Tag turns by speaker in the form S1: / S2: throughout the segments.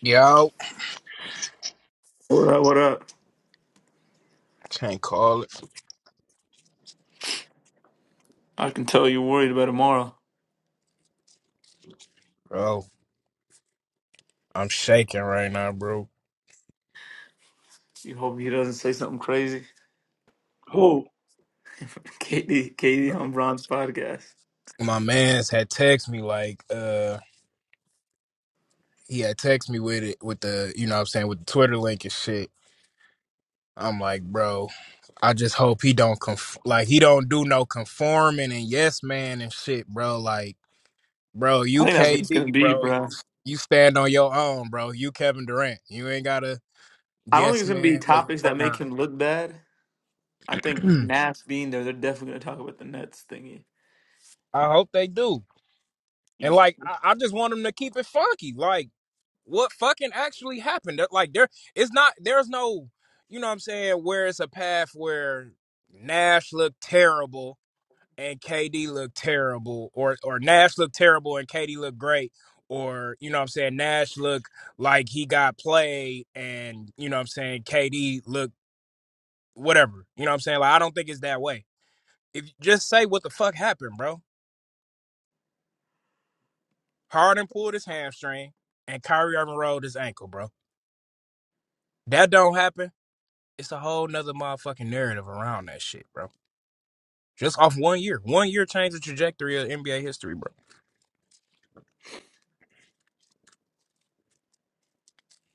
S1: Yo,
S2: What up? What up?
S1: can't call it,
S2: I can tell you're worried about tomorrow.
S1: bro. I'm shaking right now, bro.
S2: You hope he doesn't say something crazy.
S3: Who?
S2: Katie, Katie on Bron's podcast.
S1: My man's had text me like, uh, he had text me with it with the, you know, what I'm saying with the Twitter link and shit. I'm like, bro, I just hope he don't conf- like he don't do no conforming and yes man and shit, bro. Like, bro,
S2: I
S1: you
S2: think that's what it's gonna
S1: KD,
S2: be,
S1: bro,
S2: bro.
S1: you stand on your own, bro. You Kevin Durant, you ain't gotta
S2: I don't think
S1: yes
S2: it's gonna be
S1: man with
S2: topics that make
S1: LeBron.
S2: him look bad. I think Nash being there, they're definitely gonna talk about the Nets thingy.
S1: I hope they do,
S2: You,
S1: and
S2: c-
S1: like, I, I just want them to keep it funky, like. what fucking actually happened. Like there it's not there's no you know what I'm saying where it's a path where Nash looked terrible and KD looked terrible or or Nash looked terrible and KD looked great or you know what I'm saying Nash looked like he got played and you know what I'm saying KD looked whatever. You know what I'm saying? Like I don't think it's that way. If you just say what the fuck happened, bro. Harden pulled his hamstring and Kyrie Irving rolled his ankle, bro. That don't happen it's a whole nother motherfucking narrative around that shit, bro. Just off one year. One year changed the trajectory of NBA history, bro.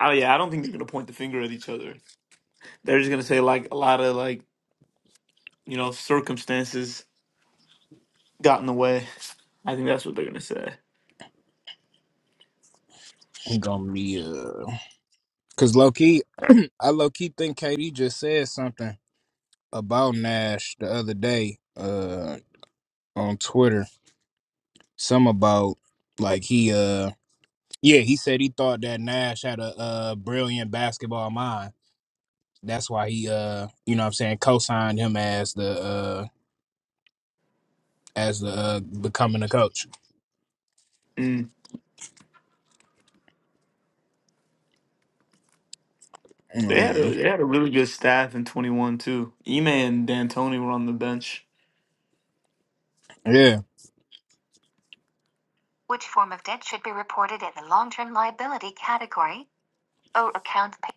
S2: oh yeah, I don't think they're gonna point the finger at each other. They're just gonna say like a lot of like you know circumstances got in the way. I think that's what they're gonna say.
S1: We gonna be uh cause low key I low key think KD just said something about Nash the other day, uh on Twitter. Some about like he uh yeah, he said he thought that Nash had a uh brilliant basketball mind. That's why he uh you know what I'm saying co signed him as the uh as the uh becoming a coach.
S2: Mm. They had a
S1: Mm,
S2: they had a really good staff in twenty one too. Ime and D'Antoni were on the bench.
S1: Yeah.
S2: Which form of debt should be reported in the long-term liability category? O account pay-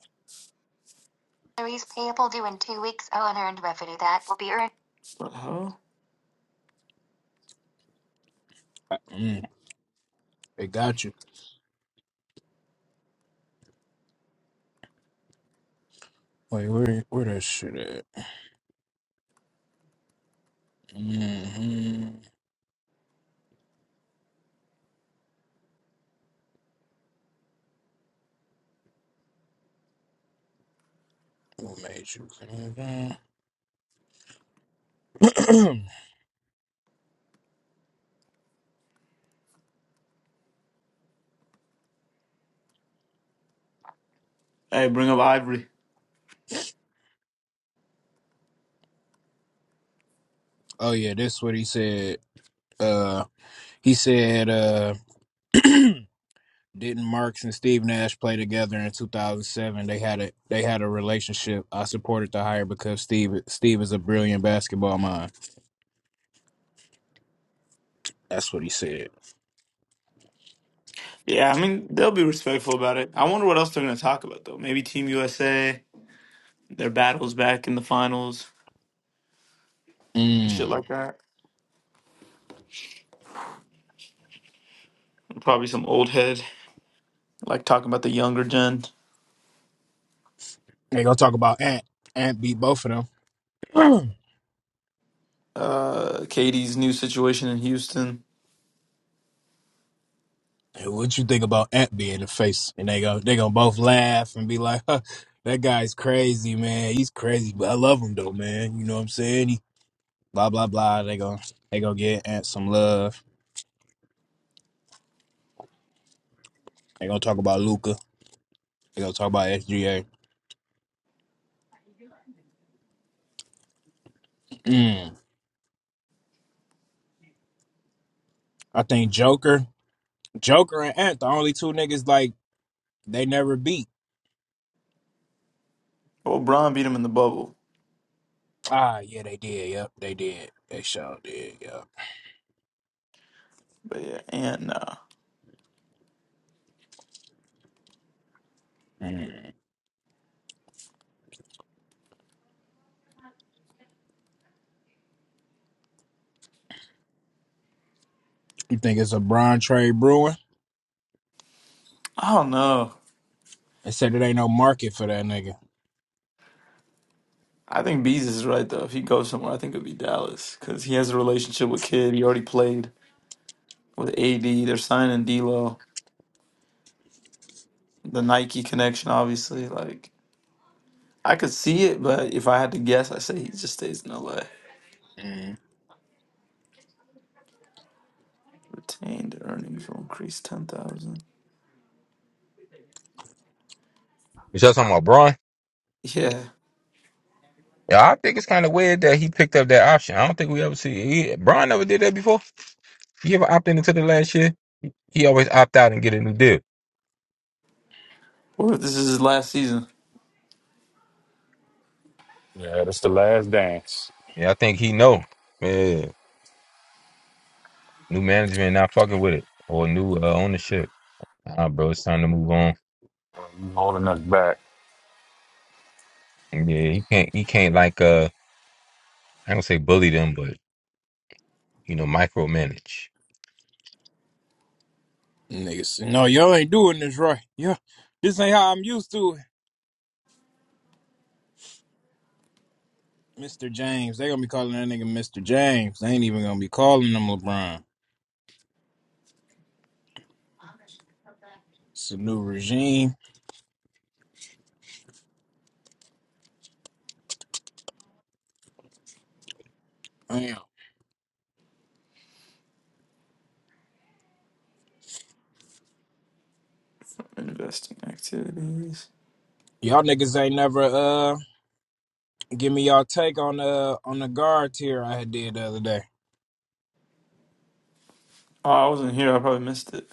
S2: salaries payable due in two weeks. O unearned revenue that will be earned. What the hell?
S1: Mm. They got you. Wait, where where that shit at? hmm What made you come down?
S2: Hey, bring up Ivory.
S1: oh yeah, that's what he said. Uh, he said, uh, didn't Marks and Steve Nash play together in 2007? They had a they had a relationship. I supported the hire because Steve Steve is a brilliant basketball mind. That's what he said.
S2: Yeah, I mean, they'll be respectful about it. I wonder what else they're going to talk about, though. Maybe Team USA, their battles back in the finals, and shit
S1: Mm.
S2: like that. Probably some old head, like talking about the younger gen.
S1: They gonna talk about Ant. Ant beat both of them.
S2: Uh, Katie's new situation in Houston.
S1: Hey, What you think about Ant being the face? And they go, they gonna both laugh and be like, huh, "That guy's crazy, man. He's crazy, but I love him though, man. You know what I'm saying?" He, blah blah blah. They gonna they gonna get Ant some love. They gonna talk about Luca. They gonna talk about SGA. Mm. I think Joker, Joker and Ant, the only two niggas like they never beat.
S2: Well, Bron beat him in the bubble.
S1: Ah, yeah, they did. Yep, they did. They sure did. Yep.
S2: But yeah, and uh,
S1: Mm. You think it's a Brian trade brewing?
S2: I don't know.
S1: They said it ain't no market for that nigga.
S2: I think Bees is right though. If he goes somewhere, I think it'd be Dallas because he has a relationship with Kid. He already played with AD. They're signing D'Lo. The Nike connection, obviously. Like I could see it, but if I had to guess, I say he just stays in LA.
S1: Mm.
S2: Retained earnings will increase ten thousand.
S4: You said something about Braun?
S2: Yeah.
S4: Yeah, I think it's kind of weird that he picked up that option. I don't think we ever see he, Braun never did that before. He ever opted into the last year? He always opt out and get a new deal.
S2: What if this is his last season?
S5: Yeah, that's the last dance.
S4: Yeah, I think he know. Yeah, new management not fucking with it or new uh, ownership. Ah, bro, it's time to move on.
S5: You holding us back.
S4: Yeah, he can't. He can't like uh, I don't say bully them, but you know, micromanage.
S1: Niggas, say, no, y'all ain't doing this right. Yeah, this ain't how I'm used to it. Mr. James, they gonna be calling that nigga Mr. James. They ain't even gonna be calling him LeBron. It's a new regime. Damn.
S2: Investing activities.
S1: Y'all niggas ain't never uh give me y'all take on the on the guard tier I had did the other day.
S2: Oh, I wasn't here. I probably missed it.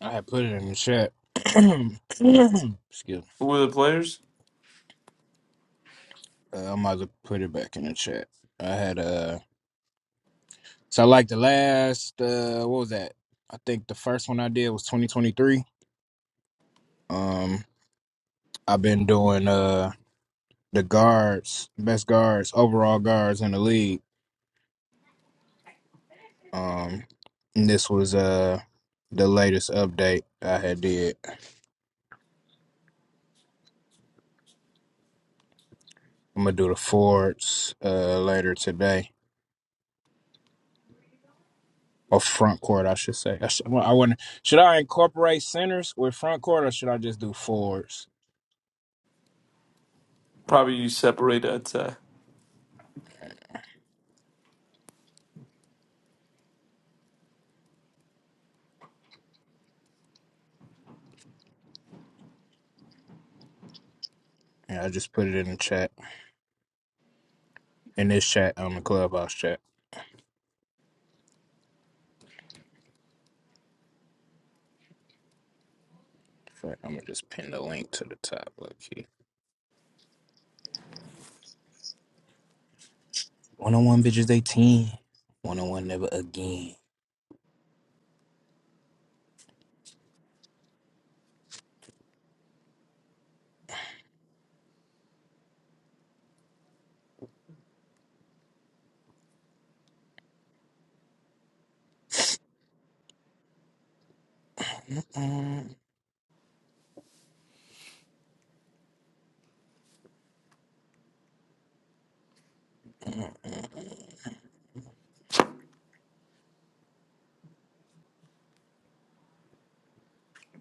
S1: I had put it in the chat. Excuse me.
S2: Who were the players?
S1: Uh, I might as well put it back in the chat. I had uh so like the last uh what was that? I think the first one I did was 2023. Um I've been doing uh the guards, best guards, overall guards in the league. Um, and this was uh the latest update I had did. I'm gonna do the forwards uh later today or front court, I should say. I should, well, I wouldn't, should I incorporate centers with front court or should I just do forwards?
S2: Probably you Separate I'd
S1: Yeah, I just put it in the chat in this chat on the clubhouse chat. In fact, I'm gonna just pin the link to the top. Look here. One on one bitches, they ten. One on one never again.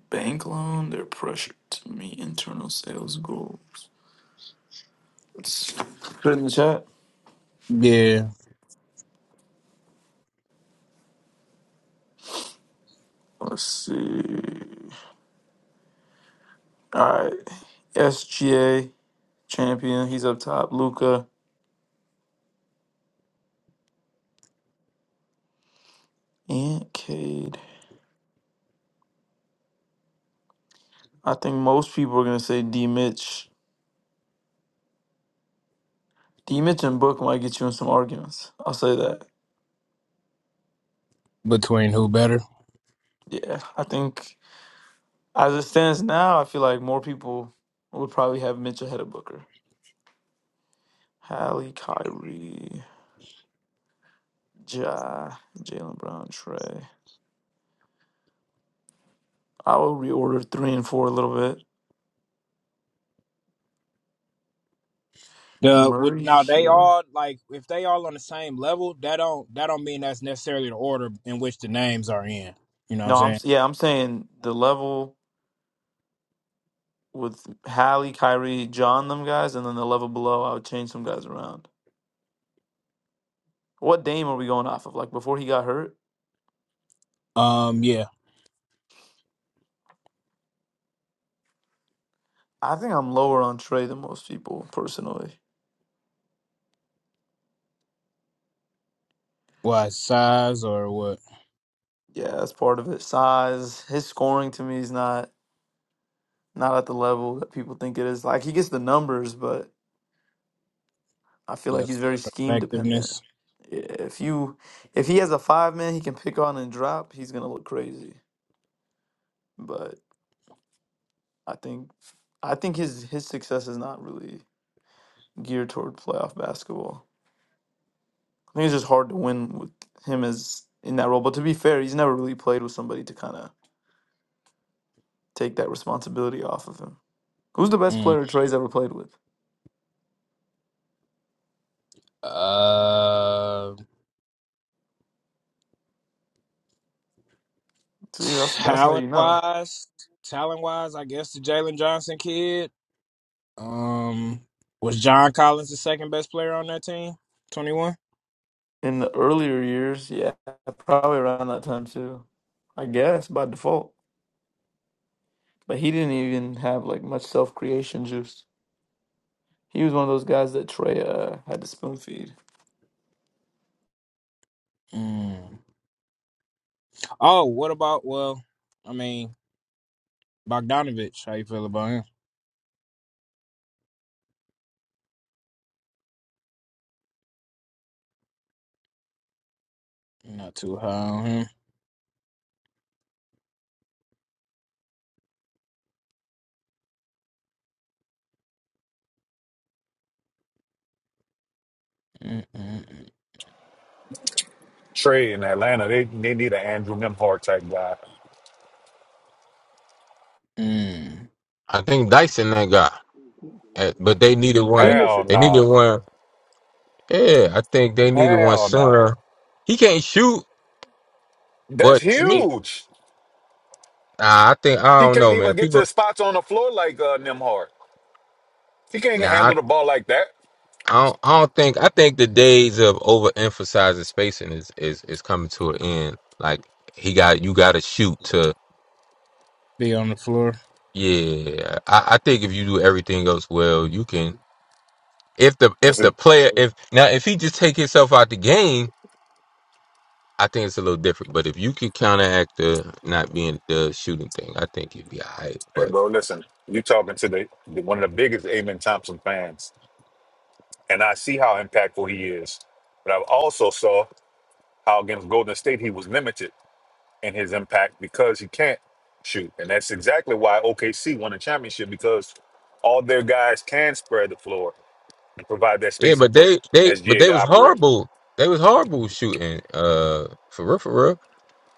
S2: Bank loan. They're pressured to meet internal sales goals. Let's put it in the chat.
S1: Yeah,
S2: Let's see. All right. SGA champion. He's up top. Luca and Cade. I think most people are gonna say D Mitch. D Mitch and Book might get you in some arguments. I'll say that.
S1: between who better?
S2: Yeah. I think as it stands now, I feel like more people would probably have Mitch ahead of Booker. Hallie, Kyrie, Ja, Jalen Brown, Trey. I will reorder three and four a little bit.
S1: The with
S2: Murray,
S1: now they
S2: Hero.
S1: all like if they all on the same level, that don't that don't mean that's necessarily the order in which the names are in. You know what I'm
S2: No, I'm
S1: saying?
S2: s- yeah, I'm saying the level with Hallie, Kyrie, John, them guys, and then the level below, I would change some guys around. What Dame are we going off of? Like before he got hurt,
S1: Um, yeah.
S2: I think I'm lower on Trey than most people personally.
S1: What size or what
S2: Yeah, that's part of it. Size, his scoring to me is not not at the level that people think it is. Like he gets the numbers, but I feel like
S1: the
S2: he's very scheme dependent.
S1: effectiveness?
S2: Yeah, If you if he has a five man he can pick on and drop, he's gonna look crazy. But I think I think his his success is not really geared toward playoff basketball. I think it's just hard to win with him as in that role. But to be fair, he's never really played with somebody to kind of take that responsibility off of him. Who's the best
S1: Mm.
S2: player Trey's ever played with?
S1: Uh,
S2: See, that's that's how
S1: talent
S2: you know.
S1: wise, talent wise, I guess the Jalen Johnson kid. Um, was John Collins the second best player on that team? Twenty one.
S2: In the earlier years, yeah, probably around that time too. I guess by default. But he didn't even have like much self creation juice. He was one of those guys that Trey uh, had to spoon feed.
S1: Mm. Oh, what about? Well, I mean, Bogdanovich. How you feel about him? Not too high on him.
S5: Trey in Atlanta, they, they need an Andrew Nemhart type guy.
S1: Mm-mm-mm.
S4: I think Dyson that guy, Uh, but they needed one.
S3: Didn't they
S5: Hell
S3: say
S4: They needed
S5: no.
S4: one. Yeah, I think they needed one
S5: Hell no.
S4: sooner. He can't shoot,
S5: That's
S4: but to me.
S5: huge.
S4: Nah, I think I
S5: He
S4: don't
S5: can't
S4: know, man.
S5: even get
S4: People,
S5: to spots on the floor like uh, Nemhart. He can't
S4: nah, I,
S5: handle the ball like that.
S4: I don't. I don't think. I think the days of overemphasizing spacing is is is coming to an end. Like he got you got to shoot to.
S1: Be on the floor.
S4: Yeah, I, I think if you do everything else well, you can. If the
S5: I
S4: if the
S5: said,
S4: player if now if he just take himself out the game, I think it's a little different. But if you can counteract the not being the shooting thing, I think you'd be alright.
S5: hey,
S4: But
S5: bro, listen, you talking to the, the one of the biggest Amen Thompson fans, and I see how impactful he is. But I also saw how against Golden State he was limited and his impact because he can't shoot. And that's exactly why OKC won the championship because all their guys can spread the floor and provide that
S4: yeah,
S5: spacing
S4: but
S5: for
S4: they they but
S5: SGA
S4: they
S5: to
S4: was
S5: operate.
S4: horrible. They was horrible shooting. Uh, for real, for real.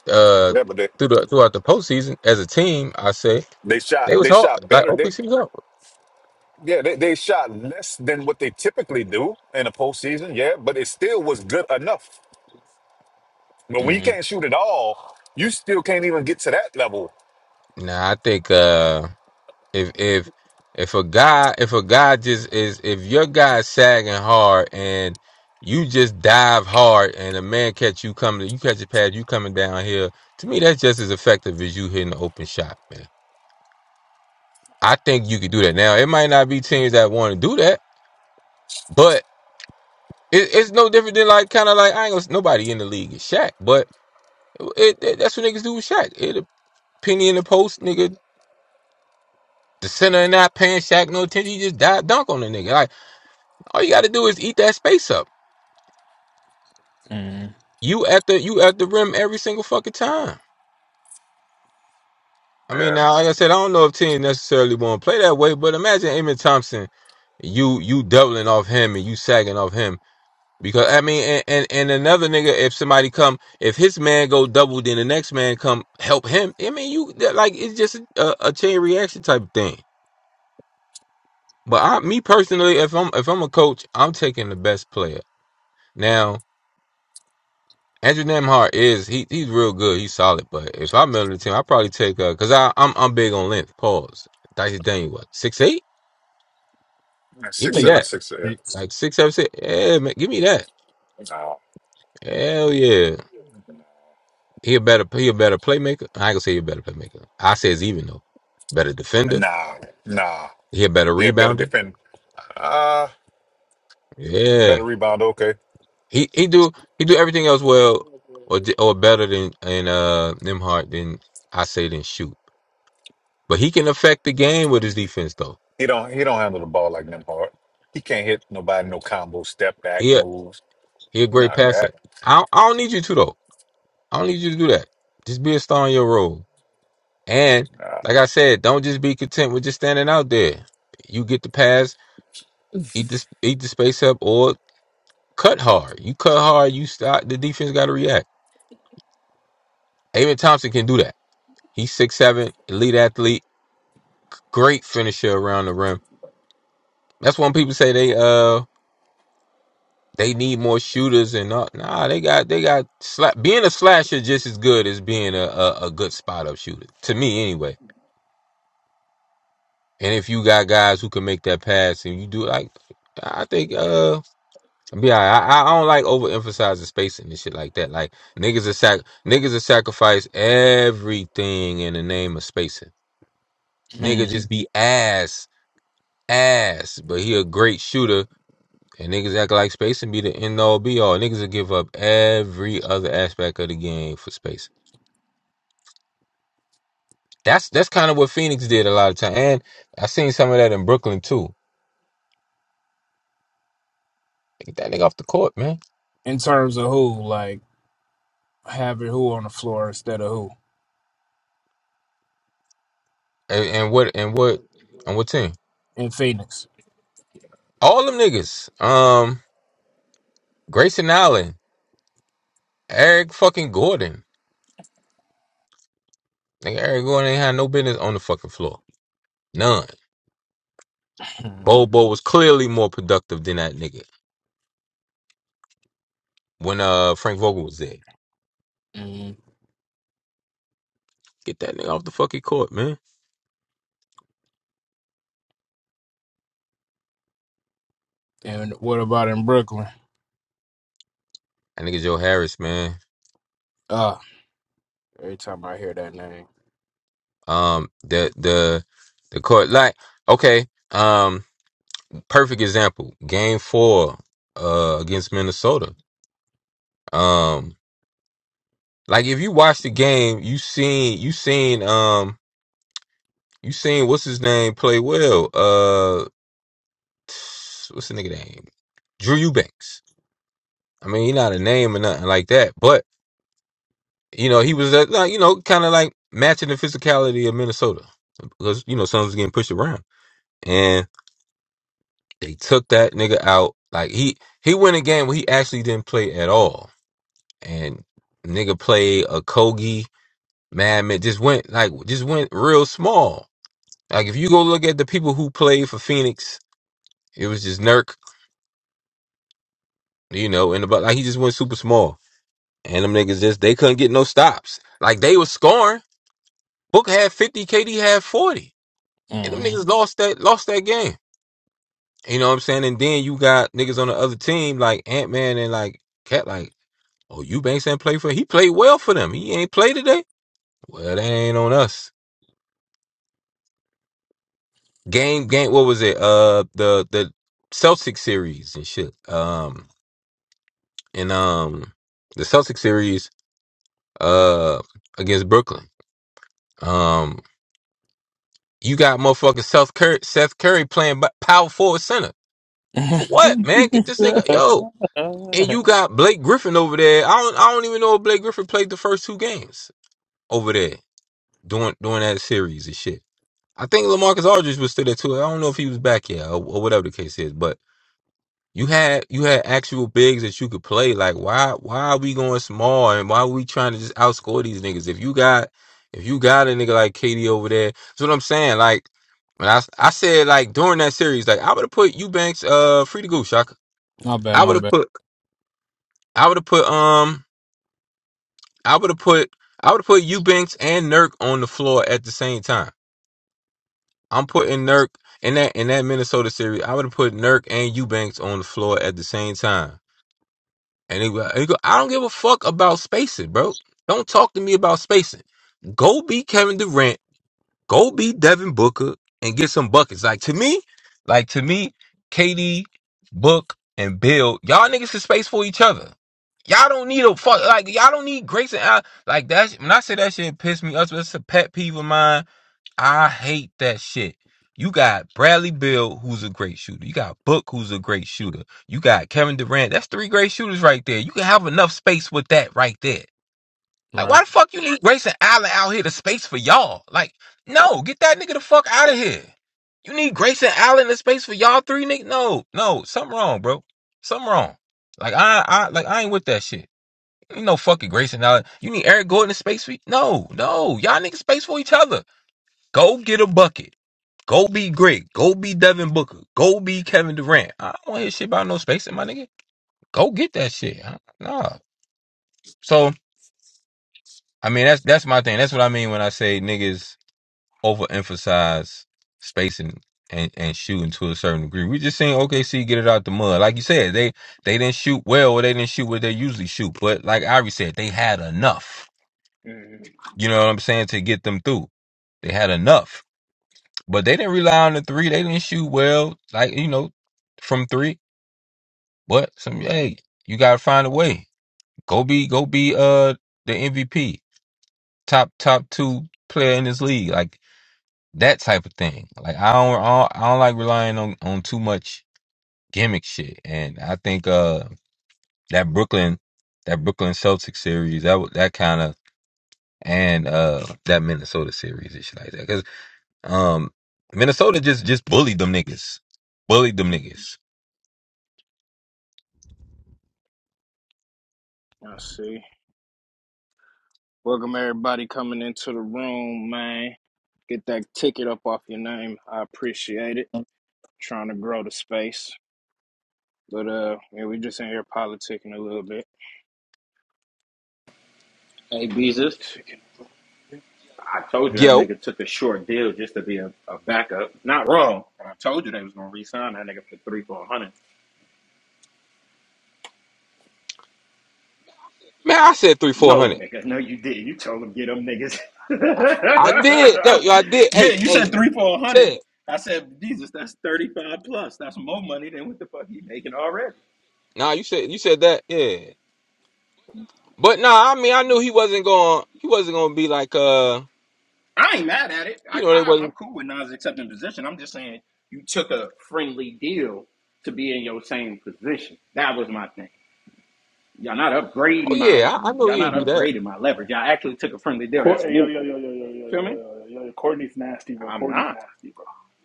S4: uh
S5: Yeah, but they,
S4: through the throughout the postseason as a team. I say
S5: they shot
S4: they was
S5: they
S4: hard.
S5: shot
S4: Like
S5: better. They
S4: OKC was hard.
S5: yeah, they, they shot less than what they typically do in the postseason, yeah, but it still was good enough. But when you can't shoot at all, you still can't even get to that level.
S4: Nah, I think uh if if if a guy if a guy just is if your guy's sagging hard and you just dive hard and a man catch you coming you catch a pad you coming down here to me that's just as effective as you hitting an open shot man I think you could do that now it might not be teams that want to do that but. It, it's no different than like kind of like I ain't gonna, nobody in the league is Shaq, but it, it that's what niggas do with Shaq. It a penny in the post, nigga. The center and not paying Shaq no attention. He just dive dunk on the nigga. Like all you got to do is eat that space up.
S1: Mm-mm.
S4: You at the you at the rim every single fucking time. I mean,
S5: Yeah.
S4: now like I said, I don't know if teams necessarily want to play that way, but imagine Amin Thompson, you you doubling off him and you sagging off him. Because I mean, and, and and another nigga, if somebody come, if his man go double, then the next man come help him. I mean, you that- like it's just a, a chain reaction type of thing. But I, me personally, if I'm if I'm a coach, I'm taking the best player. Now Andrew Nemhart is he he's real good, he's solid. But if I'm on the team, I probably take uh, cause I I'm I'm big on length. Pause. Dicey Daniel, what six eight?
S5: Yeah,
S4: Give
S5: Six
S4: me
S1: think
S5: seven,
S1: about
S4: that.
S1: six.
S5: six yeah.
S1: six.
S4: Like six seven six. Yeah, man, give me that.
S5: Nah.
S4: Hell yeah. He a better he a better playmaker. I ain't gonna say he a better playmaker. I says even though. Better defender.
S5: Nah. Nah.
S4: He a better
S5: Yeah, better
S4: rebounder.
S5: defend. Uh.
S4: Yeah.
S5: Better rebound, okay.
S4: He he do he do everything else well or di- or better than and uh Nimhart than I say than shoot. But he can affect the game with his defense though.
S5: He don't he don't handle the ball like them hard. He can't hit nobody, no combo, step back
S4: He a,
S5: moves.
S4: he a
S5: He
S4: great
S5: not
S4: passer.
S5: that.
S4: I don't, I don't need you to though. I don't need you to do that. Just be a star in your role. And
S5: Nah.
S4: like I said, don't just be content with just standing out there. You get the pass, eat the eat the space up, or cut hard. You cut hard, you stop. The defense got to react. David Thompson can do that. He's six seven, elite athlete, great finisher around the rim. That's when people say they uh they need more shooters and all. Nah, they got they got sla- being a slasher just as good as being a, a a good spot up shooter to me anyway. And if you got guys who can make that pass and you do like, I think. uh, Yeah, I, I don't like overemphasizing spacing and shit like that. Like niggas are sac niggas are sacrifice everything in the name of spacing.
S1: Mm.
S4: Nigga just be ass, ass, but he a great shooter and niggas act like spacing be the end all be all. Niggas will give up every other aspect of the game for spacing. That's that's kind of what Phoenix did a lot of time. And I seen some of that in Brooklyn too. Get that nigga off the court, man.
S1: In terms of who, like having who on the floor instead of who
S4: And, and what and what and what team?
S1: in Phoenix.
S4: All them niggas. Um Grayson Allen. Eric fucking Gordon. Nigga, Eric Gordon ain't had no business on the fucking floor. None.
S1: Mm.
S4: Bobo was clearly more productive than that nigga when uh Frank Vogel was there.
S1: Mm.
S4: Get that nigga off the fucking court, man.
S1: And what about in Brooklyn?
S4: That nigga Joe Harris, man.
S1: Ah, every time I hear that name.
S4: Um, the the the court like okay. Um, perfect example. Game four, uh, against Minnesota. Um, like if you watch the game, you seen you seen um you seen what's his name play well. Uh, what's the nigga name? Drew Eubanks. I mean, he not a name or nothing like that, but you know, he was uh, like, you know, kind of like matching the physicality of Minnesota because you know Suns was getting pushed around, and they took that nigga out. Like he he went a game where he actually didn't play at all, and nigga played a Kogi Madman just went like just went real small. Like if you go look at the people who played for Phoenix, it was just Nurk, you know, and about like he just went super small, and them niggas just they couldn't get no stops. Like they was scoring. Book had 50, KD had 40. And them
S1: Mm.
S4: niggas lost that lost that game. You know what I'm saying? And then you got niggas on the other team like Ant Man and like Cat like, oh you Banks ain't play for he played well for them. He ain't play today. Well that ain't on us. Game game what was it? Uh the the Celtic series and shit. Um and um the Celtic series uh against Brooklyn. Um you got motherfucking Seth Curry Seth Curry playing b- power forward center. For what, man? Get this nigga yo And you got Blake Griffin over there. I don't I don't even know if Blake Griffin played the first two games over there during during that series and shit. I think Lamarcus Aldridge was still there too. I don't know if he was back yet or, or whatever the case is, but you had you had actual bigs that you could play. Like why why are we going small and why are we trying to just outscore these niggas? If you got if you got a nigga like Katie over there, that's what I'm saying. Like when I I said like during that series, like I would have put Eubanks uh free to go, Shaka.
S1: my bad,
S4: I
S1: my
S4: would have
S1: bad.
S4: put I would have put um I would have put I would have put Eubanks and Nurk on the floor at the same time. I'm putting Nurk in that in that Minnesota series. I would have put Nurk and Eubanks on the floor at the same time. And he, go- he go, I don't give a fuck about spacing, bro. Don't talk to me about spacing. Go be Kevin Durant Go be Devin Booker and get some buckets. Like to me, like to me, KD, Book, and Bill, y'all niggas is space for each other. Y'all don't need a fuck like y'all don't need Grace and Al like that. sh- When I say that shit piss me up, it's a pet peeve of mine. I hate that shit. You got Bradley Bill, who's a great shooter. You got Book, who's a great shooter. You got Kevin Durant. That's three great shooters right there. You can have enough space with that right there. Like,
S1: Right.
S4: why the fuck you need Grayson Allen out here to space for y'all? Like, no, get that nigga the fuck out of here. You need Grayson Allen to space for y'all three niggas? No, no, something wrong, bro. Something wrong. Like I, I, like I ain't with that shit. You know, fucking Grayson Allen. You need Eric Gordon to space for? you? No, no, y'all niggas space for each other. Go get a bucket. Go be great. Go be Devin Booker. Go be Kevin Durant. I don't want to hear shit about no spacing, my nigga. Go get that shit. Huh? Nah. So I mean, that's that's my thing. That's what I mean when I say niggas overemphasize spacing and, and shooting to a certain degree. We just seen OKC get it out the mud. Like you said, they they didn't shoot well or they didn't shoot what they usually shoot. But like Irie said, they had enough.
S1: Mm.
S4: You know what I'm saying? To get them through. They had enough. But they didn't rely on the three. They didn't shoot well, like, you know, from three. But some
S1: Right.
S4: hey, you gotta find a way. Go be go be uh the MVP. Top top two player in this league. Like that type of thing. Like I don't, I don't, I don't like relying on on too much gimmick shit. And I think uh that Brooklyn, that Brooklyn Celtics series, that wa- that kind of and uh that Minnesota series and shit like that. Because um Minnesota just just bullied them niggas, bullied them
S1: Mm.
S4: niggas.
S1: I see. Welcome everybody coming into the room, man. Get that ticket up off your name. I appreciate it. Trying to grow the space. But uh yeah, we just in here politicking a little bit.
S6: Hey, Beezus,
S1: Politicking a little
S6: I told you that
S4: Yo,
S6: nigga took a short deal just to be a, a backup. Not wrong. And I told you they was gonna re-sign that nigga for three, four hundred.
S4: man, I said three four
S6: No,
S4: hundred.
S6: nigga, no, you didn't. You told him get them niggas.
S4: I, I did. No, yo, I did.
S6: yeah,
S4: Hey,
S6: you said
S4: hey,
S6: three, four hundred.
S4: Ted.
S6: I said, Jesus, that's thirty-five plus. That's more money than what the fuck he making already.
S4: Nah, you said you said that. Yeah. But nah, I mean, I knew he wasn't going. He wasn't going to be like uh
S6: I ain't mad at it.
S4: you
S6: I,
S4: know, they
S6: I
S4: wasn't
S6: I'm cool with Nas accepting position. I'm just saying you took a friendly deal to be in your same position. That was my thing. Y'all not
S4: Oh
S6: upgrading my
S4: yeah, I, I know
S6: y'all
S4: he'll
S6: not
S4: do that.
S6: upgrading my leverage. Y'all actually took a friendly deal
S3: Cor-
S6: that's
S3: hey, yo, yo,
S6: movable.
S3: yo, yo, yo, yo,
S6: Feel
S3: yo,
S6: me?
S3: yo, yo, yo, Courtney's nasty, bro.
S6: I'm
S3: Courtney's
S6: not.
S3: nasty, bro.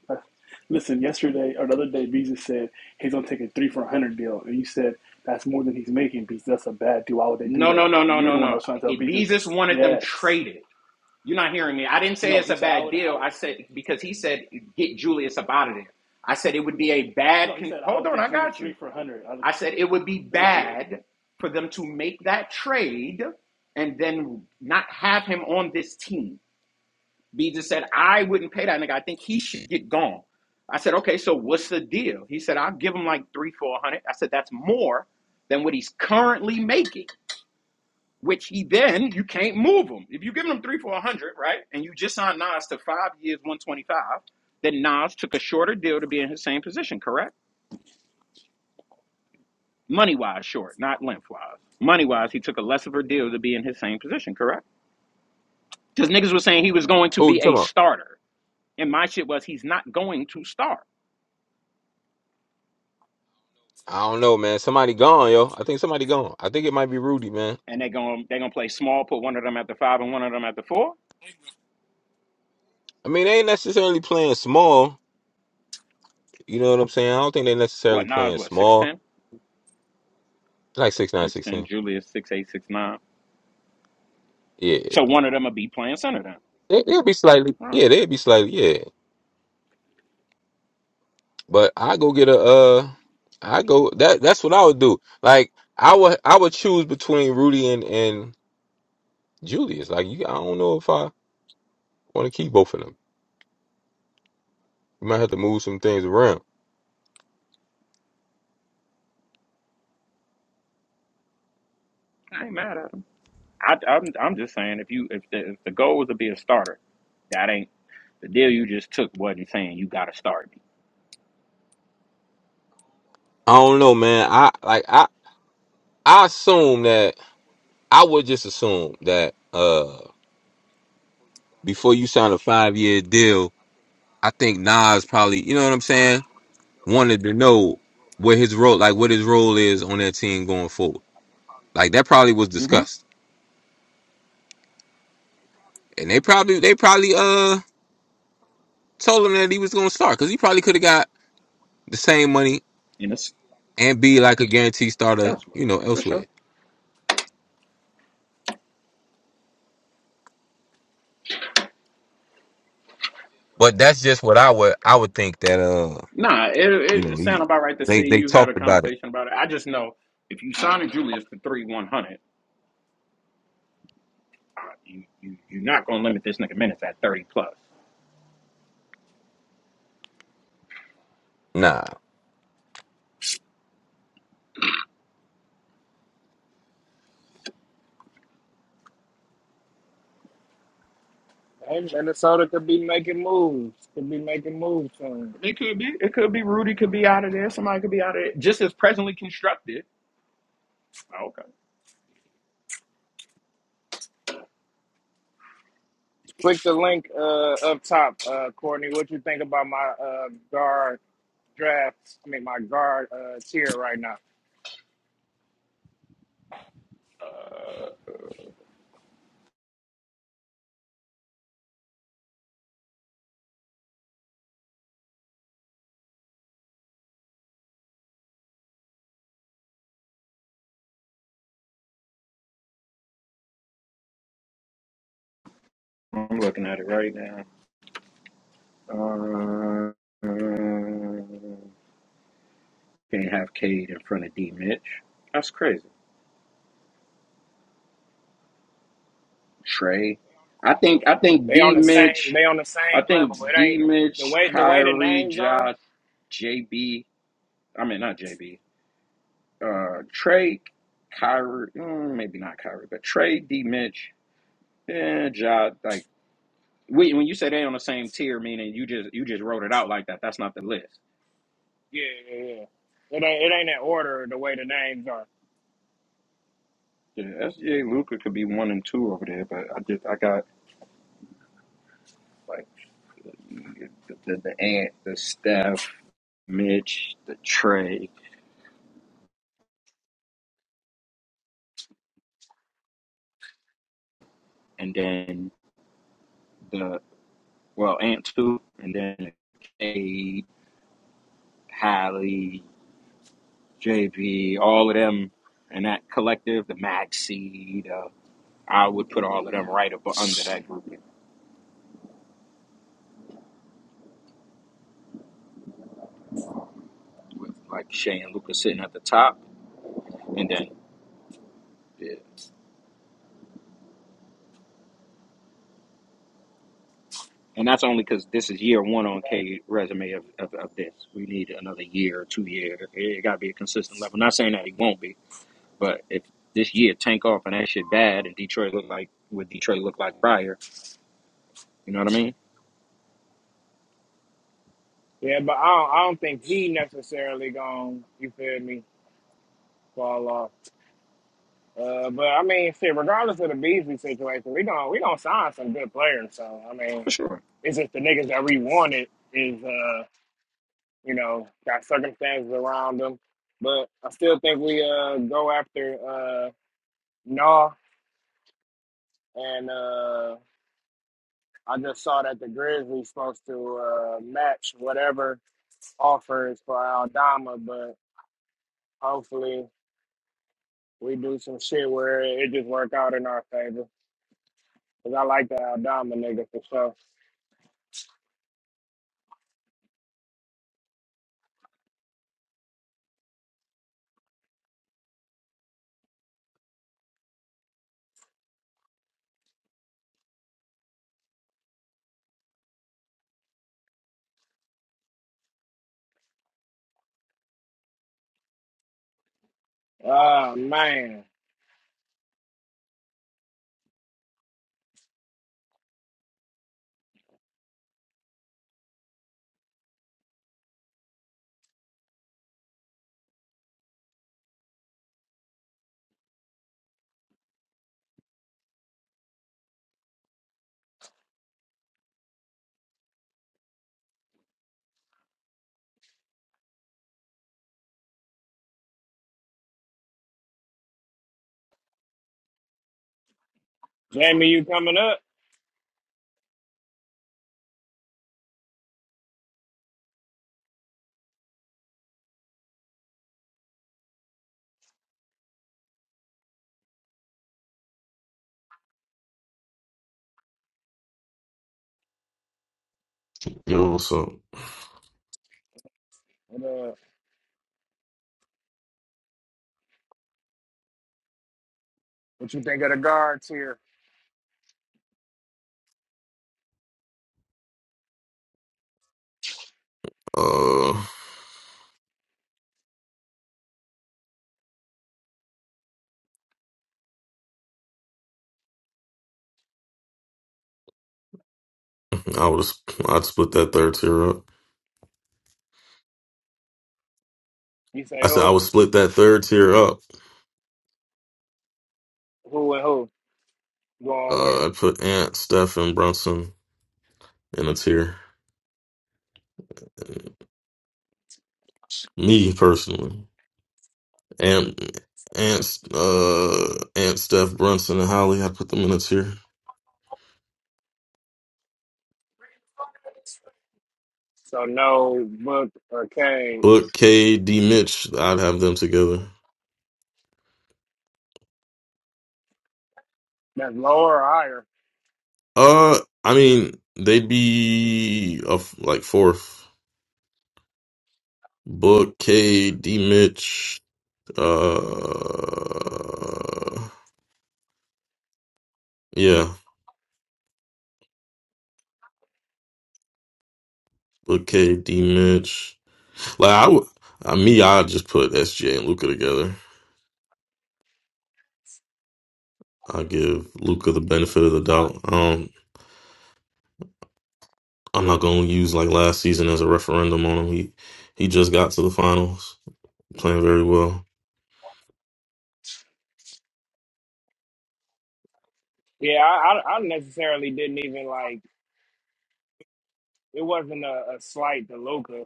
S3: That's- Listen, yesterday or the other day, Beezus said he's gonna take a three for a hundred deal, and you said that's more than he's making. Beezus, that's a bad deal. Why would they do
S6: No, no,
S3: that?
S6: no,
S3: And
S6: no,
S3: you're
S6: no,
S3: the one that
S6: no.
S3: was trying to tell
S6: Hey,
S3: Beezus,
S6: Beezus wanted them
S3: yes,
S6: traded. You're not hearing me. I didn't say
S3: no.
S6: it's
S3: He
S6: a
S3: said I
S6: bad
S3: would. I
S6: deal.
S3: would
S6: I said because he said get Julius up out of there. I said it would be a bad.
S3: no. He
S6: Con-
S3: said I
S6: Hold
S3: would
S6: on,
S3: get
S6: I
S3: Julius
S6: got
S3: three
S6: you.
S3: for a hundred. I was-
S6: I said it would be
S3: yeah.
S6: bad for them to make that trade and then not have him on this team. B just said, I wouldn't pay that nigga. I think he should get gone. I said, okay, so what's the deal? He said, I'll give him like three, four hundred. I said, that's more than what he's currently making, which he then, you can't move him. If you give him three, four hundred, right? And you just signed Nas to five years, 125, then Nas took a shorter deal to be in his same position, correct? Money wise, short, not length wise. Money wise, he took a less of a deal to be in his same position, correct? Because niggas was saying he was going to
S4: Who you
S6: be
S4: talking
S6: a
S4: about?
S6: starter. And my shit was, he's not going to start.
S4: I don't know, man. Somebody gone, yo. I think somebody gone. I think it might be Rudy, man.
S6: and they're going they're going to play small, put one of them at the five and one of them at the four.
S4: I mean, they ain't necessarily playing small. You know what I'm saying? I don't think they necessarily
S6: What Nas?
S4: playing
S6: what six
S4: small.
S6: ten?
S4: Like six nine,
S6: Six
S4: six
S6: ten.
S4: ten.
S6: Julius six eight six nine.
S4: Yeah,
S6: So one of them will be playing center then.
S4: they, they'll be slightly.
S6: Well,
S4: Yeah, they'll be slightly. Yeah, but I go get a. uh I go that. That's what I would do. Like I would. I would choose between Rudy and and Julius. Like you, I don't know if I want to keep both of them. You might have to move some things around.
S6: I ain't mad at him. I, I'm I'm just saying if you if the, if the goal was to be a starter, that ain't the deal you just took wasn't saying you got to start me.
S4: I don't know, man. I like. I assume that I would just assume that uh before you sign a five year deal, I think Nas probably, you know what I'm saying, wanted to know what his role like what his role is on that team going forward. Like that probably was
S6: Mm-hmm.
S4: discussed. And they probably they probably uh told him that he was gonna start because he probably could have got the same money
S6: And it's
S4: and be like a guaranteed starter,
S6: elsewhere
S4: you know,
S6: for
S4: elsewhere.
S6: sure.
S4: But that's just what I would I would think that uh,
S6: Nah,
S4: you
S6: it
S4: know,
S6: it sound
S4: he
S6: about right to
S4: they
S6: say
S4: they
S6: you had a
S4: talked about it.
S6: conversation about it. I just know if you signing Julius for three one hundred, uh, you you you're not gonna limit this nigga minutes at thirty plus.
S4: nah.
S1: Hey, Minnesota could be making moves. Could be making moves soon.
S6: It could be. It could be Rudy could be out of there. Somebody could be out of there. Just as presently constructed. Oh, Okay.
S1: Click the link uh, up top, uh, Courtney. What you think about my uh, guard draft? I mean, my guard uh, tier right now.
S6: I'm looking at it right now. Uh, uh, Can't have Cade in front of D Mitch. that's crazy. Trey. I think I think
S1: They on
S6: D
S1: the same.
S6: Mitch.
S1: They on the same
S6: I
S1: level.
S6: think
S1: It
S6: D
S1: ain't the
S6: Mitch,
S1: way the way the
S6: Kyrie,
S1: names are.
S6: Ja, JB. mean not JB. Uh, Trey, Kyrie. mm, Maybe not Kyrie, but Trey, D Mitch, and Ja. Like Wait, when you say they on the same tier, meaning you just you just wrote it out like that. That's not the list.
S1: Yeah, yeah, yeah. It ain't it ain't in order the way the names are.
S6: Yeah, SGA Luca could be one and two over there, but I just I got like the the, the Ant, the Steph, Mitch, the Trey, and then the well Ant two, and then A Hallie, JB, all of them, and that collective, the Maxi, the I would put all of them right up under that group with like Shea and Luca sitting at the top, and then. yeah, And that's only because this is year one on K resume of, of, of this. We need another year or two year. It, got to be a consistent level. Not saying that it won't be, but if this year tank off and that shit bad and Detroit look like what Detroit looked like prior, you know what I mean?
S1: Yeah, but I don't, I don't think he next on. You feel me? Fall off. Uh, ain't fit right there.
S6: For sure.
S1: It's on it. Is uh, you know. him, but I still think uh, go after uh, Nah. And uh, I just saw that the Grizzlies supposed to uh, match whatever offers for Aldama, but hopefully we do see where it work out in our favor because I like that guy for sure. Oh man, Jamie, you coming up
S7: Yo, what's up?
S1: here?
S7: Uh, I would I'd split that third tier up.
S1: You say
S7: I said I
S1: who,
S7: would split that third tier up.
S1: who, and who going where?
S7: Uh, I'd put Ant, Steph, and Brunson in a tier. Me personally, and Ant, uh, Ant, Steph, Brunson, and Holly. I'd put them in a tier.
S1: So no book or Kane.
S7: Book K, D, Mitch. I'd have them together.
S1: That's lower or higher.
S7: Uh, I mean they'd be a f like fourth. Book K, D, Mitch. Uh, yeah. with KD,
S1: Mm.
S7: Mitch. Like I would, I, me, I just put S. J. and Luca together. I give Luca the benefit of the doubt. Um, I'm not gonna use like last season as a referendum on him. He he just got to the finals, playing very well.
S1: Yeah, I, I I necessarily didn't even like It wasn't a, a slight to Luca.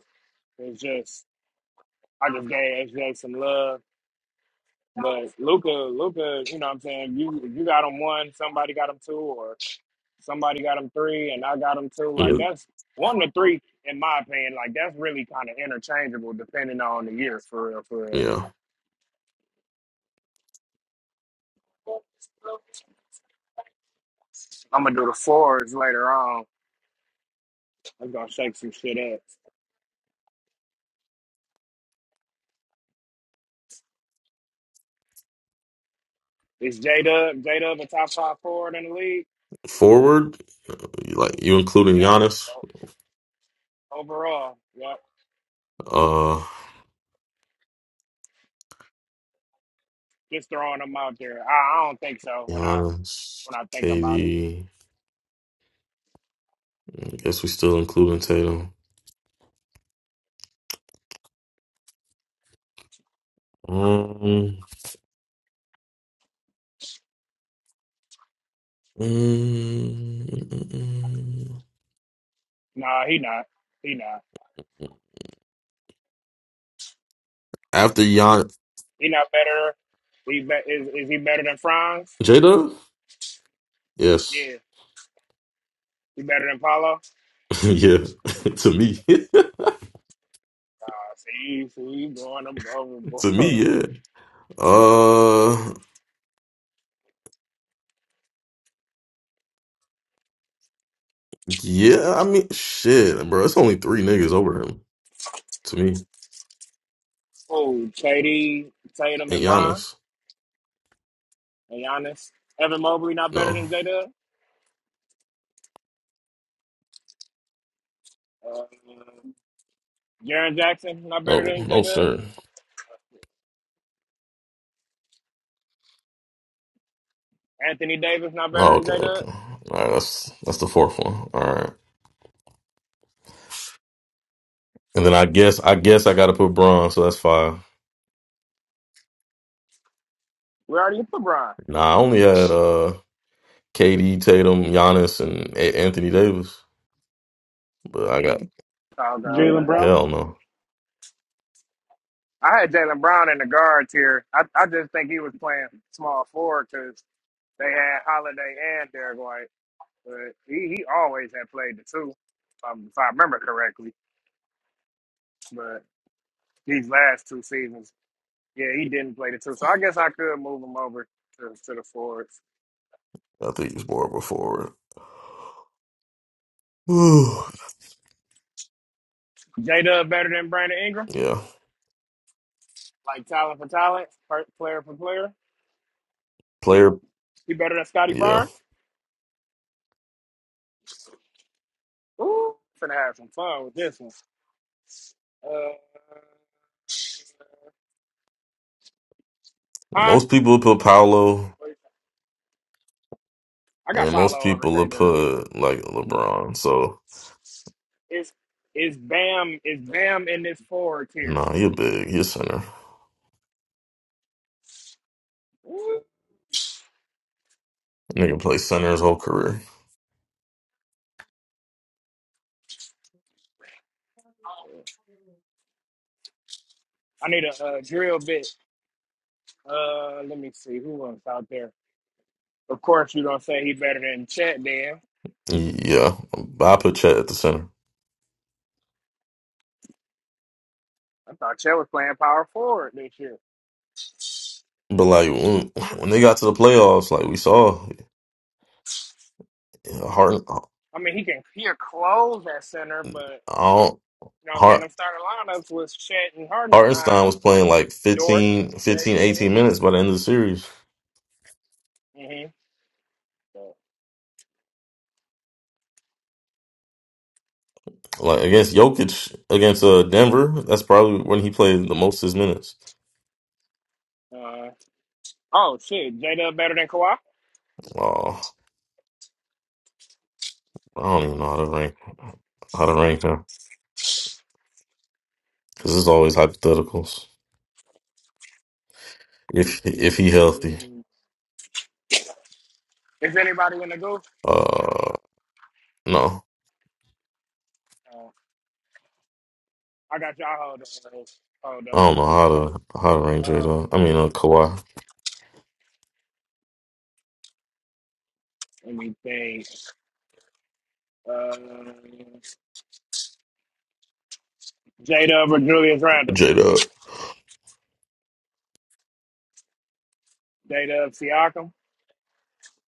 S1: It's just I just gave SJ some love. But Luca, Luca, you know what I'm saying? You you got him one, somebody got him two, or somebody got him three, and I got him two. Like
S7: Yeah,
S1: that's one to three, in my opinion. Like that's really kind of interchangeable depending on the year, for real, for real.
S7: yeah.
S1: I'm gonna do the fours later on. I'm gonna shake some shit up. Is J Dub J Dub a top five forward in the league?
S7: Forward, like you including
S1: Yep.
S7: Giannis,
S1: Overall, yep.
S7: uh,
S1: Just throwing him out there. I, I don't think so. When I
S7: Giannis,
S1: when I think about it,
S7: KD. I guess we still including Tatum. Um, mm, mm, mm, mm.
S1: nah, he not. He not.
S7: after Gian
S1: He not better. He be, is is he better than Franz?
S7: Jada, yes.
S1: Yeah. He better than Paulo? Uh,
S7: Yeah, to me,
S1: see, see, you going ab-
S7: to
S1: overboard.
S7: me, yeah. Uh, yeah. I mean, shit, bro. It's only three niggas over him to me
S1: Oh, KD, Tatum,
S7: and
S1: and Bron,
S7: Giannis.
S1: and Giannis. Evan Mobley not better
S7: No,
S1: than J Dub. Uh, Jaren Jackson not better
S7: no,
S1: than J
S7: no,
S1: Dub.
S7: sir.
S1: Anthony Davis not
S7: Oh,
S1: better than
S7: okay,
S1: J
S7: okay.
S1: Dub.
S7: All right, that's that's the fourth one. All right, and then I guess I guess I got to put Braun, so that's five.
S1: We already put Bron.
S7: Nah, I only had uh KD, Tatum, Giannis, and A- Anthony Davis, but I got
S1: Mm. Okay, okay.
S3: Jalen Brown.
S7: hell no.
S1: I had Jalen Brown in the guards here. I, I just think he was playing small forward because they had Holiday and Derek White, but he, he always had played the two, um, if I remember correctly. But these last two seasons, yeah, he didn't play the two, so I guess I could move him over to, to the forwards.
S7: I think he's more of a forward.
S1: J Dub better than Brandon Ingram,
S7: yeah,
S1: like talent for talent, per- player for player.
S7: player.
S1: He better than Scotty
S7: Yeah.
S1: Barnes. Ooh, finna have some fun with this one. Uh, huh?
S7: Most people would put Paolo,
S1: I got
S7: and most
S1: Paolo over
S7: people
S1: J
S7: would
S1: Dub.
S7: put like LeBron. So
S1: Is is Bam is Bam in this forward tier?
S7: nah, you're big. You're center.
S1: Ooh.
S7: Nigga play center his whole career.
S1: I need a, uh drill bit. Uh, let me see who else out there. Of course, you don't say he better than Chet. Then
S7: Yeah, but I put Chet at the center.
S1: I thought Chet was playing power forward this year.
S7: But like when, when they got to the playoffs, like we saw, Hart,
S1: I mean, he can he'll close at center, but you know what I'm saying.
S7: Hart,
S1: Them starting lineups was Chet and
S7: Hartenstein
S1: Hardenstein,
S7: was playing like
S1: Dort,
S7: 15,
S1: J
S7: 15, 18
S1: Dub.
S7: minutes by the end of the series.
S1: Mm-hmm. So,
S7: Like against Jokic, against uh, Denver, that's probably when he played the most of his minutes.
S1: uh, oh shit, J Dub better than Kawhi.
S7: Oh, I don't even know how to rank how to rank him. because it's always hypotheticals. If if he healthy,
S1: Mm. Is anybody in the go?
S7: uh, no,
S1: Uh, I got y'all hold on. Hold
S7: I
S1: on.
S7: don't know how
S1: I got
S7: to
S1: you.
S7: how to rank J
S1: Uh,
S7: Dub. I mean, uh, Kawhi,
S1: let me think. Uh, J Dub or Julius Randle?
S7: J Dub.
S1: J Dub Siakam?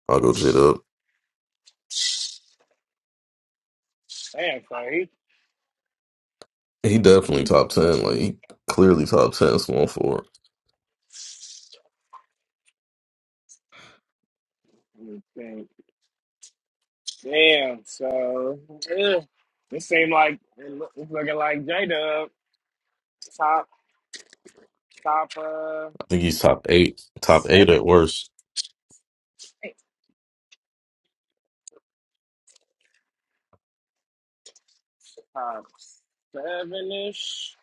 S7: I'll go J Dub.
S1: Damn, so he. uh,
S7: He definitely top ten.
S1: he
S7: Like
S1: the-
S7: he clearly top ten small forward.
S1: let me think. Damn, so yeah. it seemed like it look, it's looking like J Dub top top uh
S7: I think he's top eight, top eight
S1: seven,
S7: at worst.
S1: top seven ish.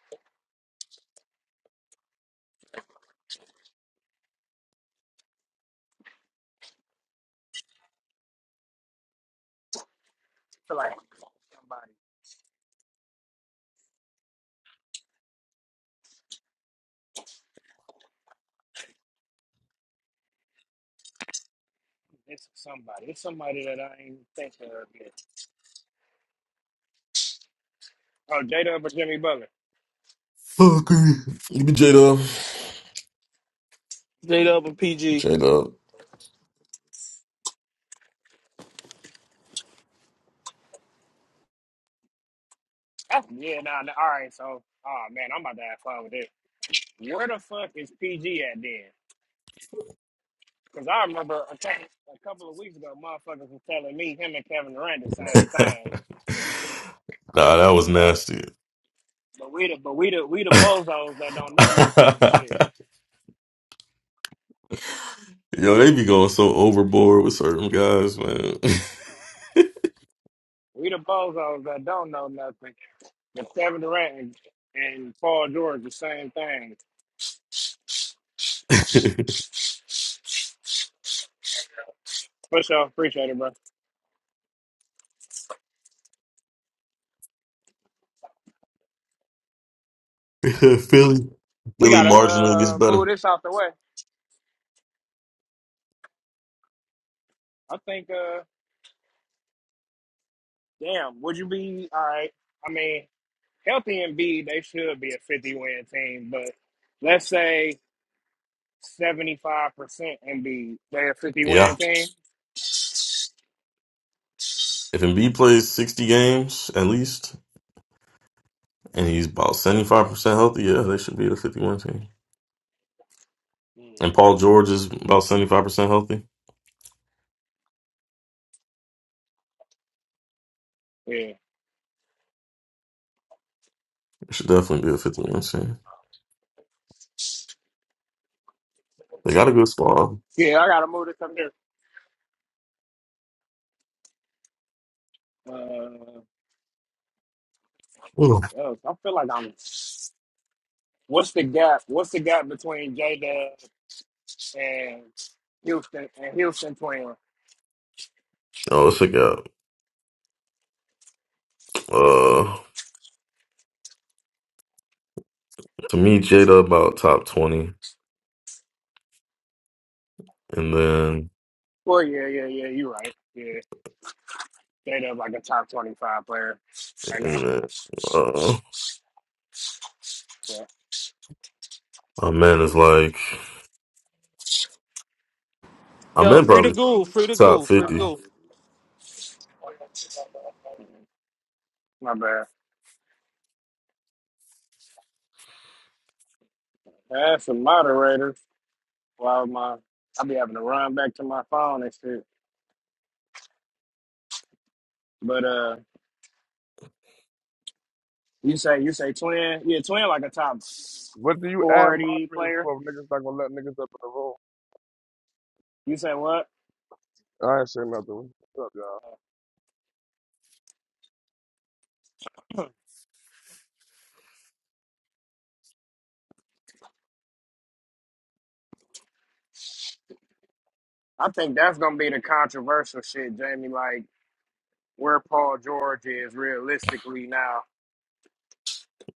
S1: Feel like somebody, it's somebody, it's somebody that I ain't think of yet. Oh, J Dub or Jimmy Butler?
S7: Oh, agree. Give me J Dub.
S8: J Dub and PG.
S7: J Dub.
S1: That's, yeah, nah, nah, all right. So, oh man, I'm about to have fun with this. Where the fuck is PG at then? Because I remember a couple, a couple of weeks ago, motherfuckers was telling me him and Kevin Durant the same thing.
S7: nah, that was
S1: You know,
S7: nasty.
S1: but we the but we the we the bozos that don't know nothing and shit.
S7: Yo, they be going so overboard with certain guys, man.
S1: We the bozos that don't know nothing. But Kevin Durant and, and Paul George the same thing. For sure, appreciate it, bro.
S7: Philly,
S1: We
S7: Philly
S1: gotta
S7: marginally gets
S1: uh
S7: better.
S1: move this out the way. I think uh damn, would you be all right? I mean. healthy Embiid, they should be a 50 win team. But let's say 75% Embiid, they're a 50
S7: Yeah.
S1: win team.
S7: If Embiid plays 60 games at least, and he's about 75% healthy, yeah, they should be a 51 team.
S1: Mm.
S7: And Paul George is about 75% healthy.
S1: Yeah.
S7: It should definitely be a 51 team. They got a good squad.
S1: Yeah, I got to move this up here. Uh,
S7: Ooh.
S1: oh, I feel like I'm. What's the gap? What's the gap between J Dub and Houston and Houston Twins?
S7: Oh, let's check out. Uh, to me, Jada about top 20. And then,
S1: Well, yeah, yeah, yeah. You're right. Yeah, J Dub like a top twenty-five player right now.
S7: and then, uh,
S1: Yeah,
S7: my man is like, my
S8: Yo,
S7: man
S8: free to
S7: probably
S8: go, free to
S7: top
S8: go, free
S1: I
S8: to
S7: 50.
S8: go.
S1: don't know. My bad. As the moderator, while my I be having to run back to my phone and shit. But uh, you say you say twin, yeah, twin like a top
S9: What do you add
S1: forty
S9: moderators
S1: player.
S9: for if niggas not gonna let niggas up in the room?
S1: You say what?
S9: I ain't say nothing. What's up, y'all?
S1: I think that's gonna be the controversial shit, Jamie. Like where Paul George is realistically now,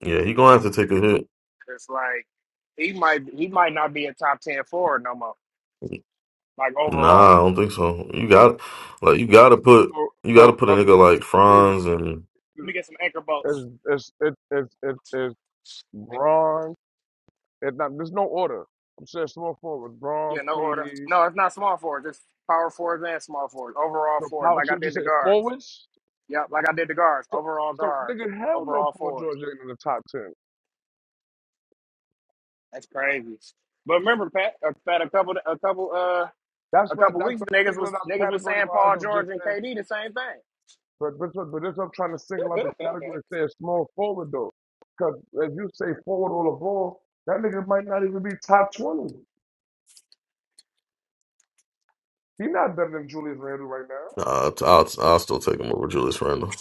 S7: Yeah, he gonna have to take a hit.
S1: it's like he might he might not be a top ten forward no more. Like
S7: Nah, I
S1: overall,
S7: don't think so. You got, like, you gotta put,
S9: So,
S7: you
S9: so,
S7: gotta put a
S9: so
S7: nigga like
S9: these
S7: Franz and
S1: let me get some anchor bolts.
S9: is it's it's it's it's it's Braun. It not there's no order. I'm saying small forward. Braun,
S1: Yeah, no order.
S9: Katie.
S1: No, it's not small forwards. It's power forwards and small forwards. Overall
S9: So
S1: forwards,
S9: Paul
S1: like I
S9: should you
S1: did
S9: say
S1: the guards.
S9: forwards?
S1: Yep, like I did the guards,
S9: So
S1: overall
S9: so
S1: guards,
S9: nigga, hell no,
S1: overall
S9: Paul
S1: fours.
S9: George ain't in the top ten.
S1: That's crazy. But remember, Pat, uh, Pat, a couple, a couple, uh,
S9: That's
S1: a
S9: why
S1: couple
S9: that's
S1: weeks
S9: why
S1: ago,
S9: I'm
S1: niggas was
S9: singling out
S1: niggas was
S9: category
S1: saying
S9: wise.
S1: Paul
S9: I'm
S1: George
S9: just
S1: and
S9: saying
S1: KD the same thing.
S9: But but but that's what I'm trying to single out the category and say a small forward though, because as you say forward all the ball, that nigga might not even be top twenty. He not better than Julius Randle right now.
S7: Nah, I'll, I'll, I'll still take him over Julius Randle.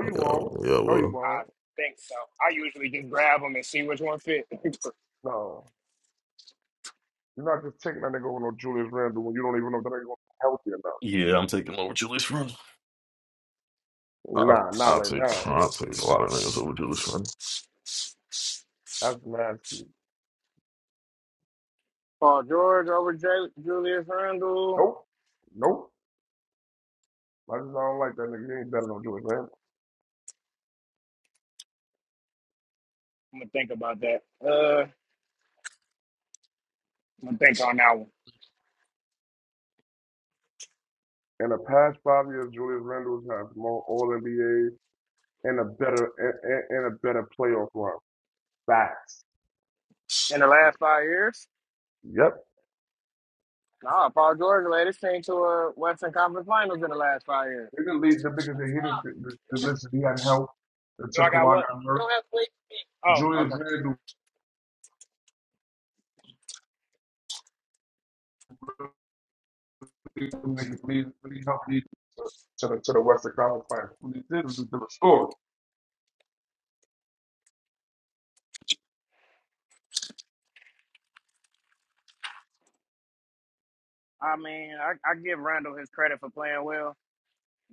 S9: No, you
S7: Yeah,
S9: won't.
S7: yeah,
S9: No, you
S7: well,
S1: I
S9: won't.
S1: think so. I usually just grab them and see which one fit.
S9: No, you're not just taking that nigga over no Julius Randle when you don't even know if that nigga gonna be healthy or
S7: Yeah, I'm taking over Julius Randle. I'll,
S9: not. Nah, not
S7: I'll
S9: right
S7: take
S9: now.
S7: I'll take a lot of niggas over Julius Randle.
S9: That's nasty.
S1: Paul George over J- Julius Randle.
S9: Nope, nope. I just don't like that nigga. He ain't better than Julius Randle.
S1: I'm gonna think about that. Uh, I'm gonna think on that one.
S9: In the past five years, Julius Randle has more All NBA and a better and, and and a better playoff run. Facts.
S1: In the last five years,
S9: Yep.
S1: nah, Paul George led his team to a Western Conference Finals in the last five years.
S9: They didn't leave him because they hated the, niggas that he didn't the, the listen. He had help
S1: Do
S9: until
S1: I got
S9: Kawhi
S1: what?
S9: got
S1: You
S9: hurt.
S1: don't have to wait for me. Oh,
S9: Julius
S1: okay.
S9: Randle really, really, really helped lead to, to the to the Western Conference Finals. When he did, it was a different story.
S1: I mean, I, I give Randall his credit for playing well,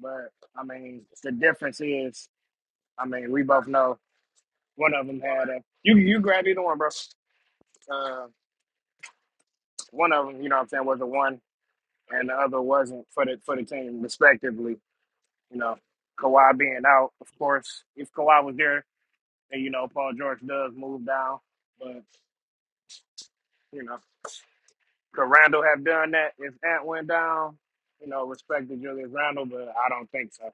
S1: but I mean, the difference is, I mean, we both know one of them had a. You you grab either one, bro. Uh, one of them, you know, what I'm saying, was a one, and the other wasn't for the for the team, respectively. You know, Kawhi being out, of course. If Kawhi was there, then you know Paul George does move down, but you know. could Randall have done that if Ant went down? You know, respect to Julius Randall, but I don't think so.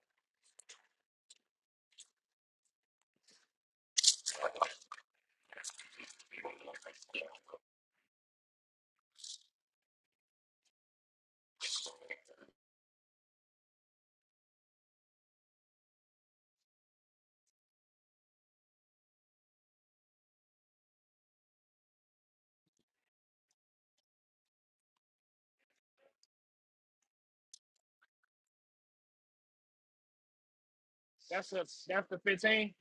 S1: That's a that's the fifteen.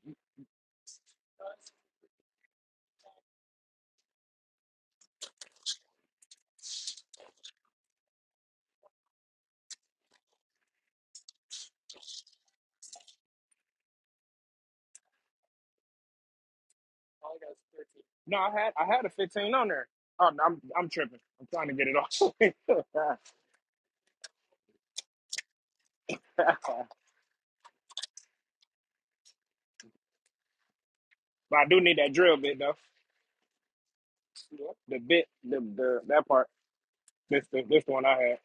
S1: No, I had I had a fifteen on there. Oh, no, I'm I'm tripping. I'm trying to get it off. but I do need that drill bit though. The bit, the, the that part. This the, this one I had.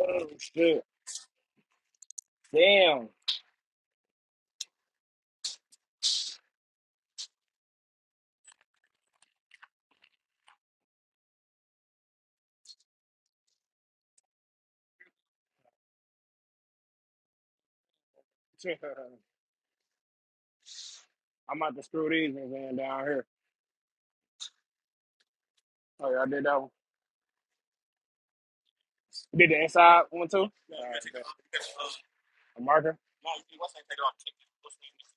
S1: Oh shit! Damn. I'm about to screw these ones in down here. Oh yeah, I did that one. You did the inside one too. And Marker?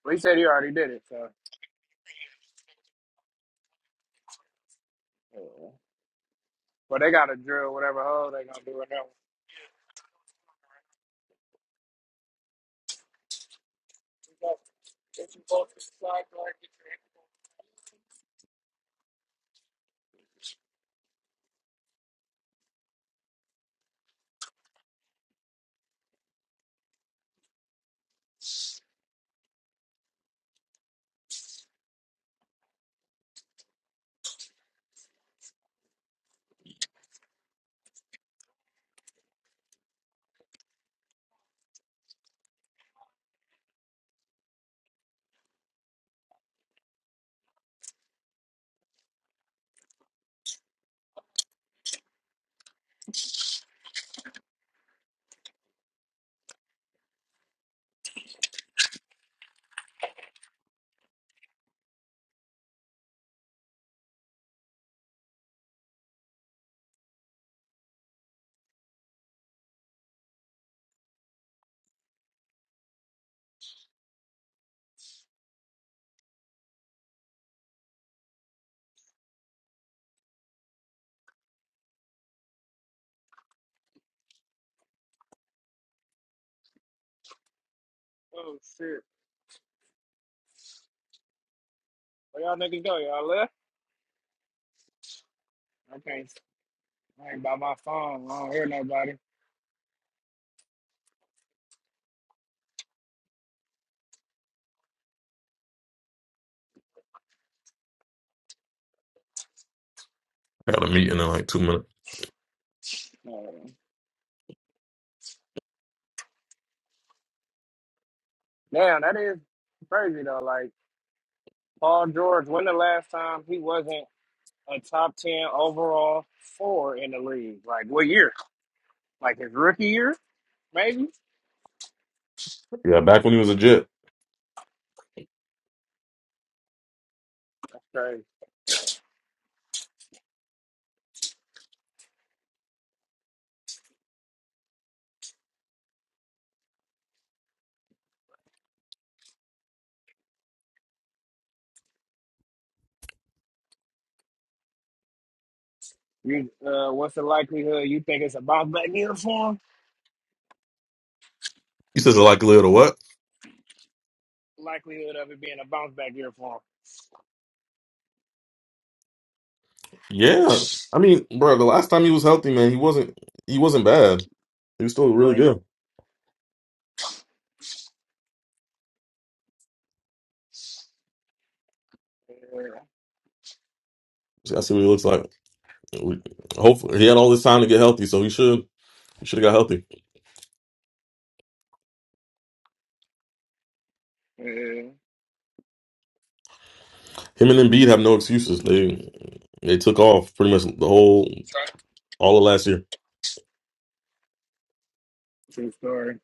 S1: Well, he said he already did it, so. uh, But they got to drill whatever hole they gonna do right now. Oh shit! Where y'all niggas go? Y'all left? I can't. I ain't by my phone. I don't hear nobody.
S7: I got a meeting in like two minutes.
S1: Uh, Damn, that is crazy though. Like Paul George, when the last time he wasn't a top ten overall four in the league? Like what year? Like his rookie year, maybe. That's
S7: Yeah, back when he was a Jet.
S1: crazy. You, uh, what's the likelihood you think it's a bounce back year for him?
S7: He says a likelihood of what?
S1: Likelihood of it being a bounce back year for
S7: Yeah, I mean, bro, the last time he was healthy, man, he wasn't he wasn't bad. He was still
S1: him.
S7: really
S1: Right.
S7: good.
S1: Yeah.
S7: I see what he looks like. We- Hopefully, he had all this time to get healthy, so he should he should have got healthy.
S1: yeah.
S7: Him and Embiid have no excuses. They they took off pretty much the whole all of last year.
S1: True story.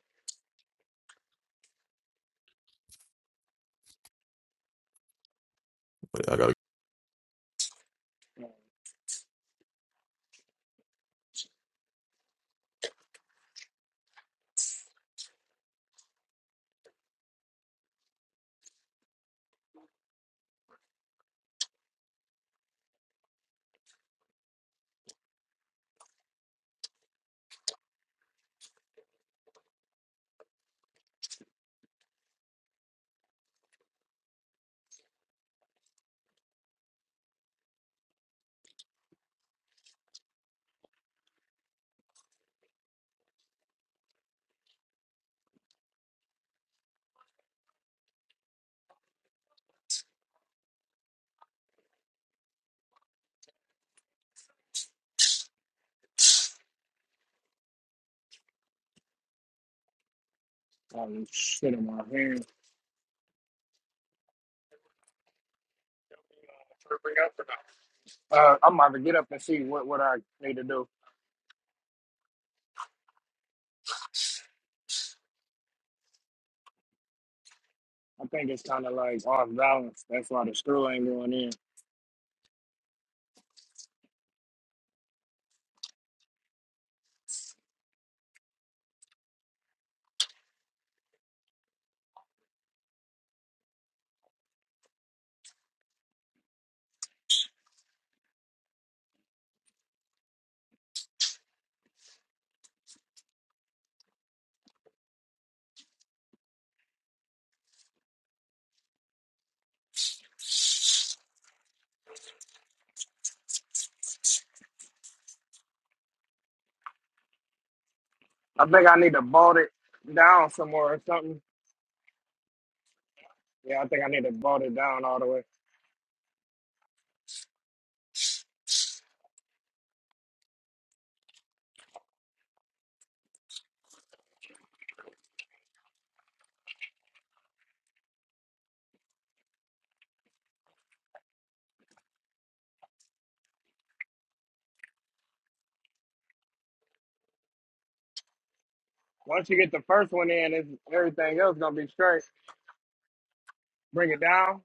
S1: Um, shit in my hands. Uh, I'm about to get up and see what, what I need to do. I think it's kind of like off balance. That's why the screw ain't going in. I think I need to bolt it down somewhere or something. Yeah, I think I need to bolt it down all the way. Once you get the first one in, it's, everything else gonna be straight. Bring it down,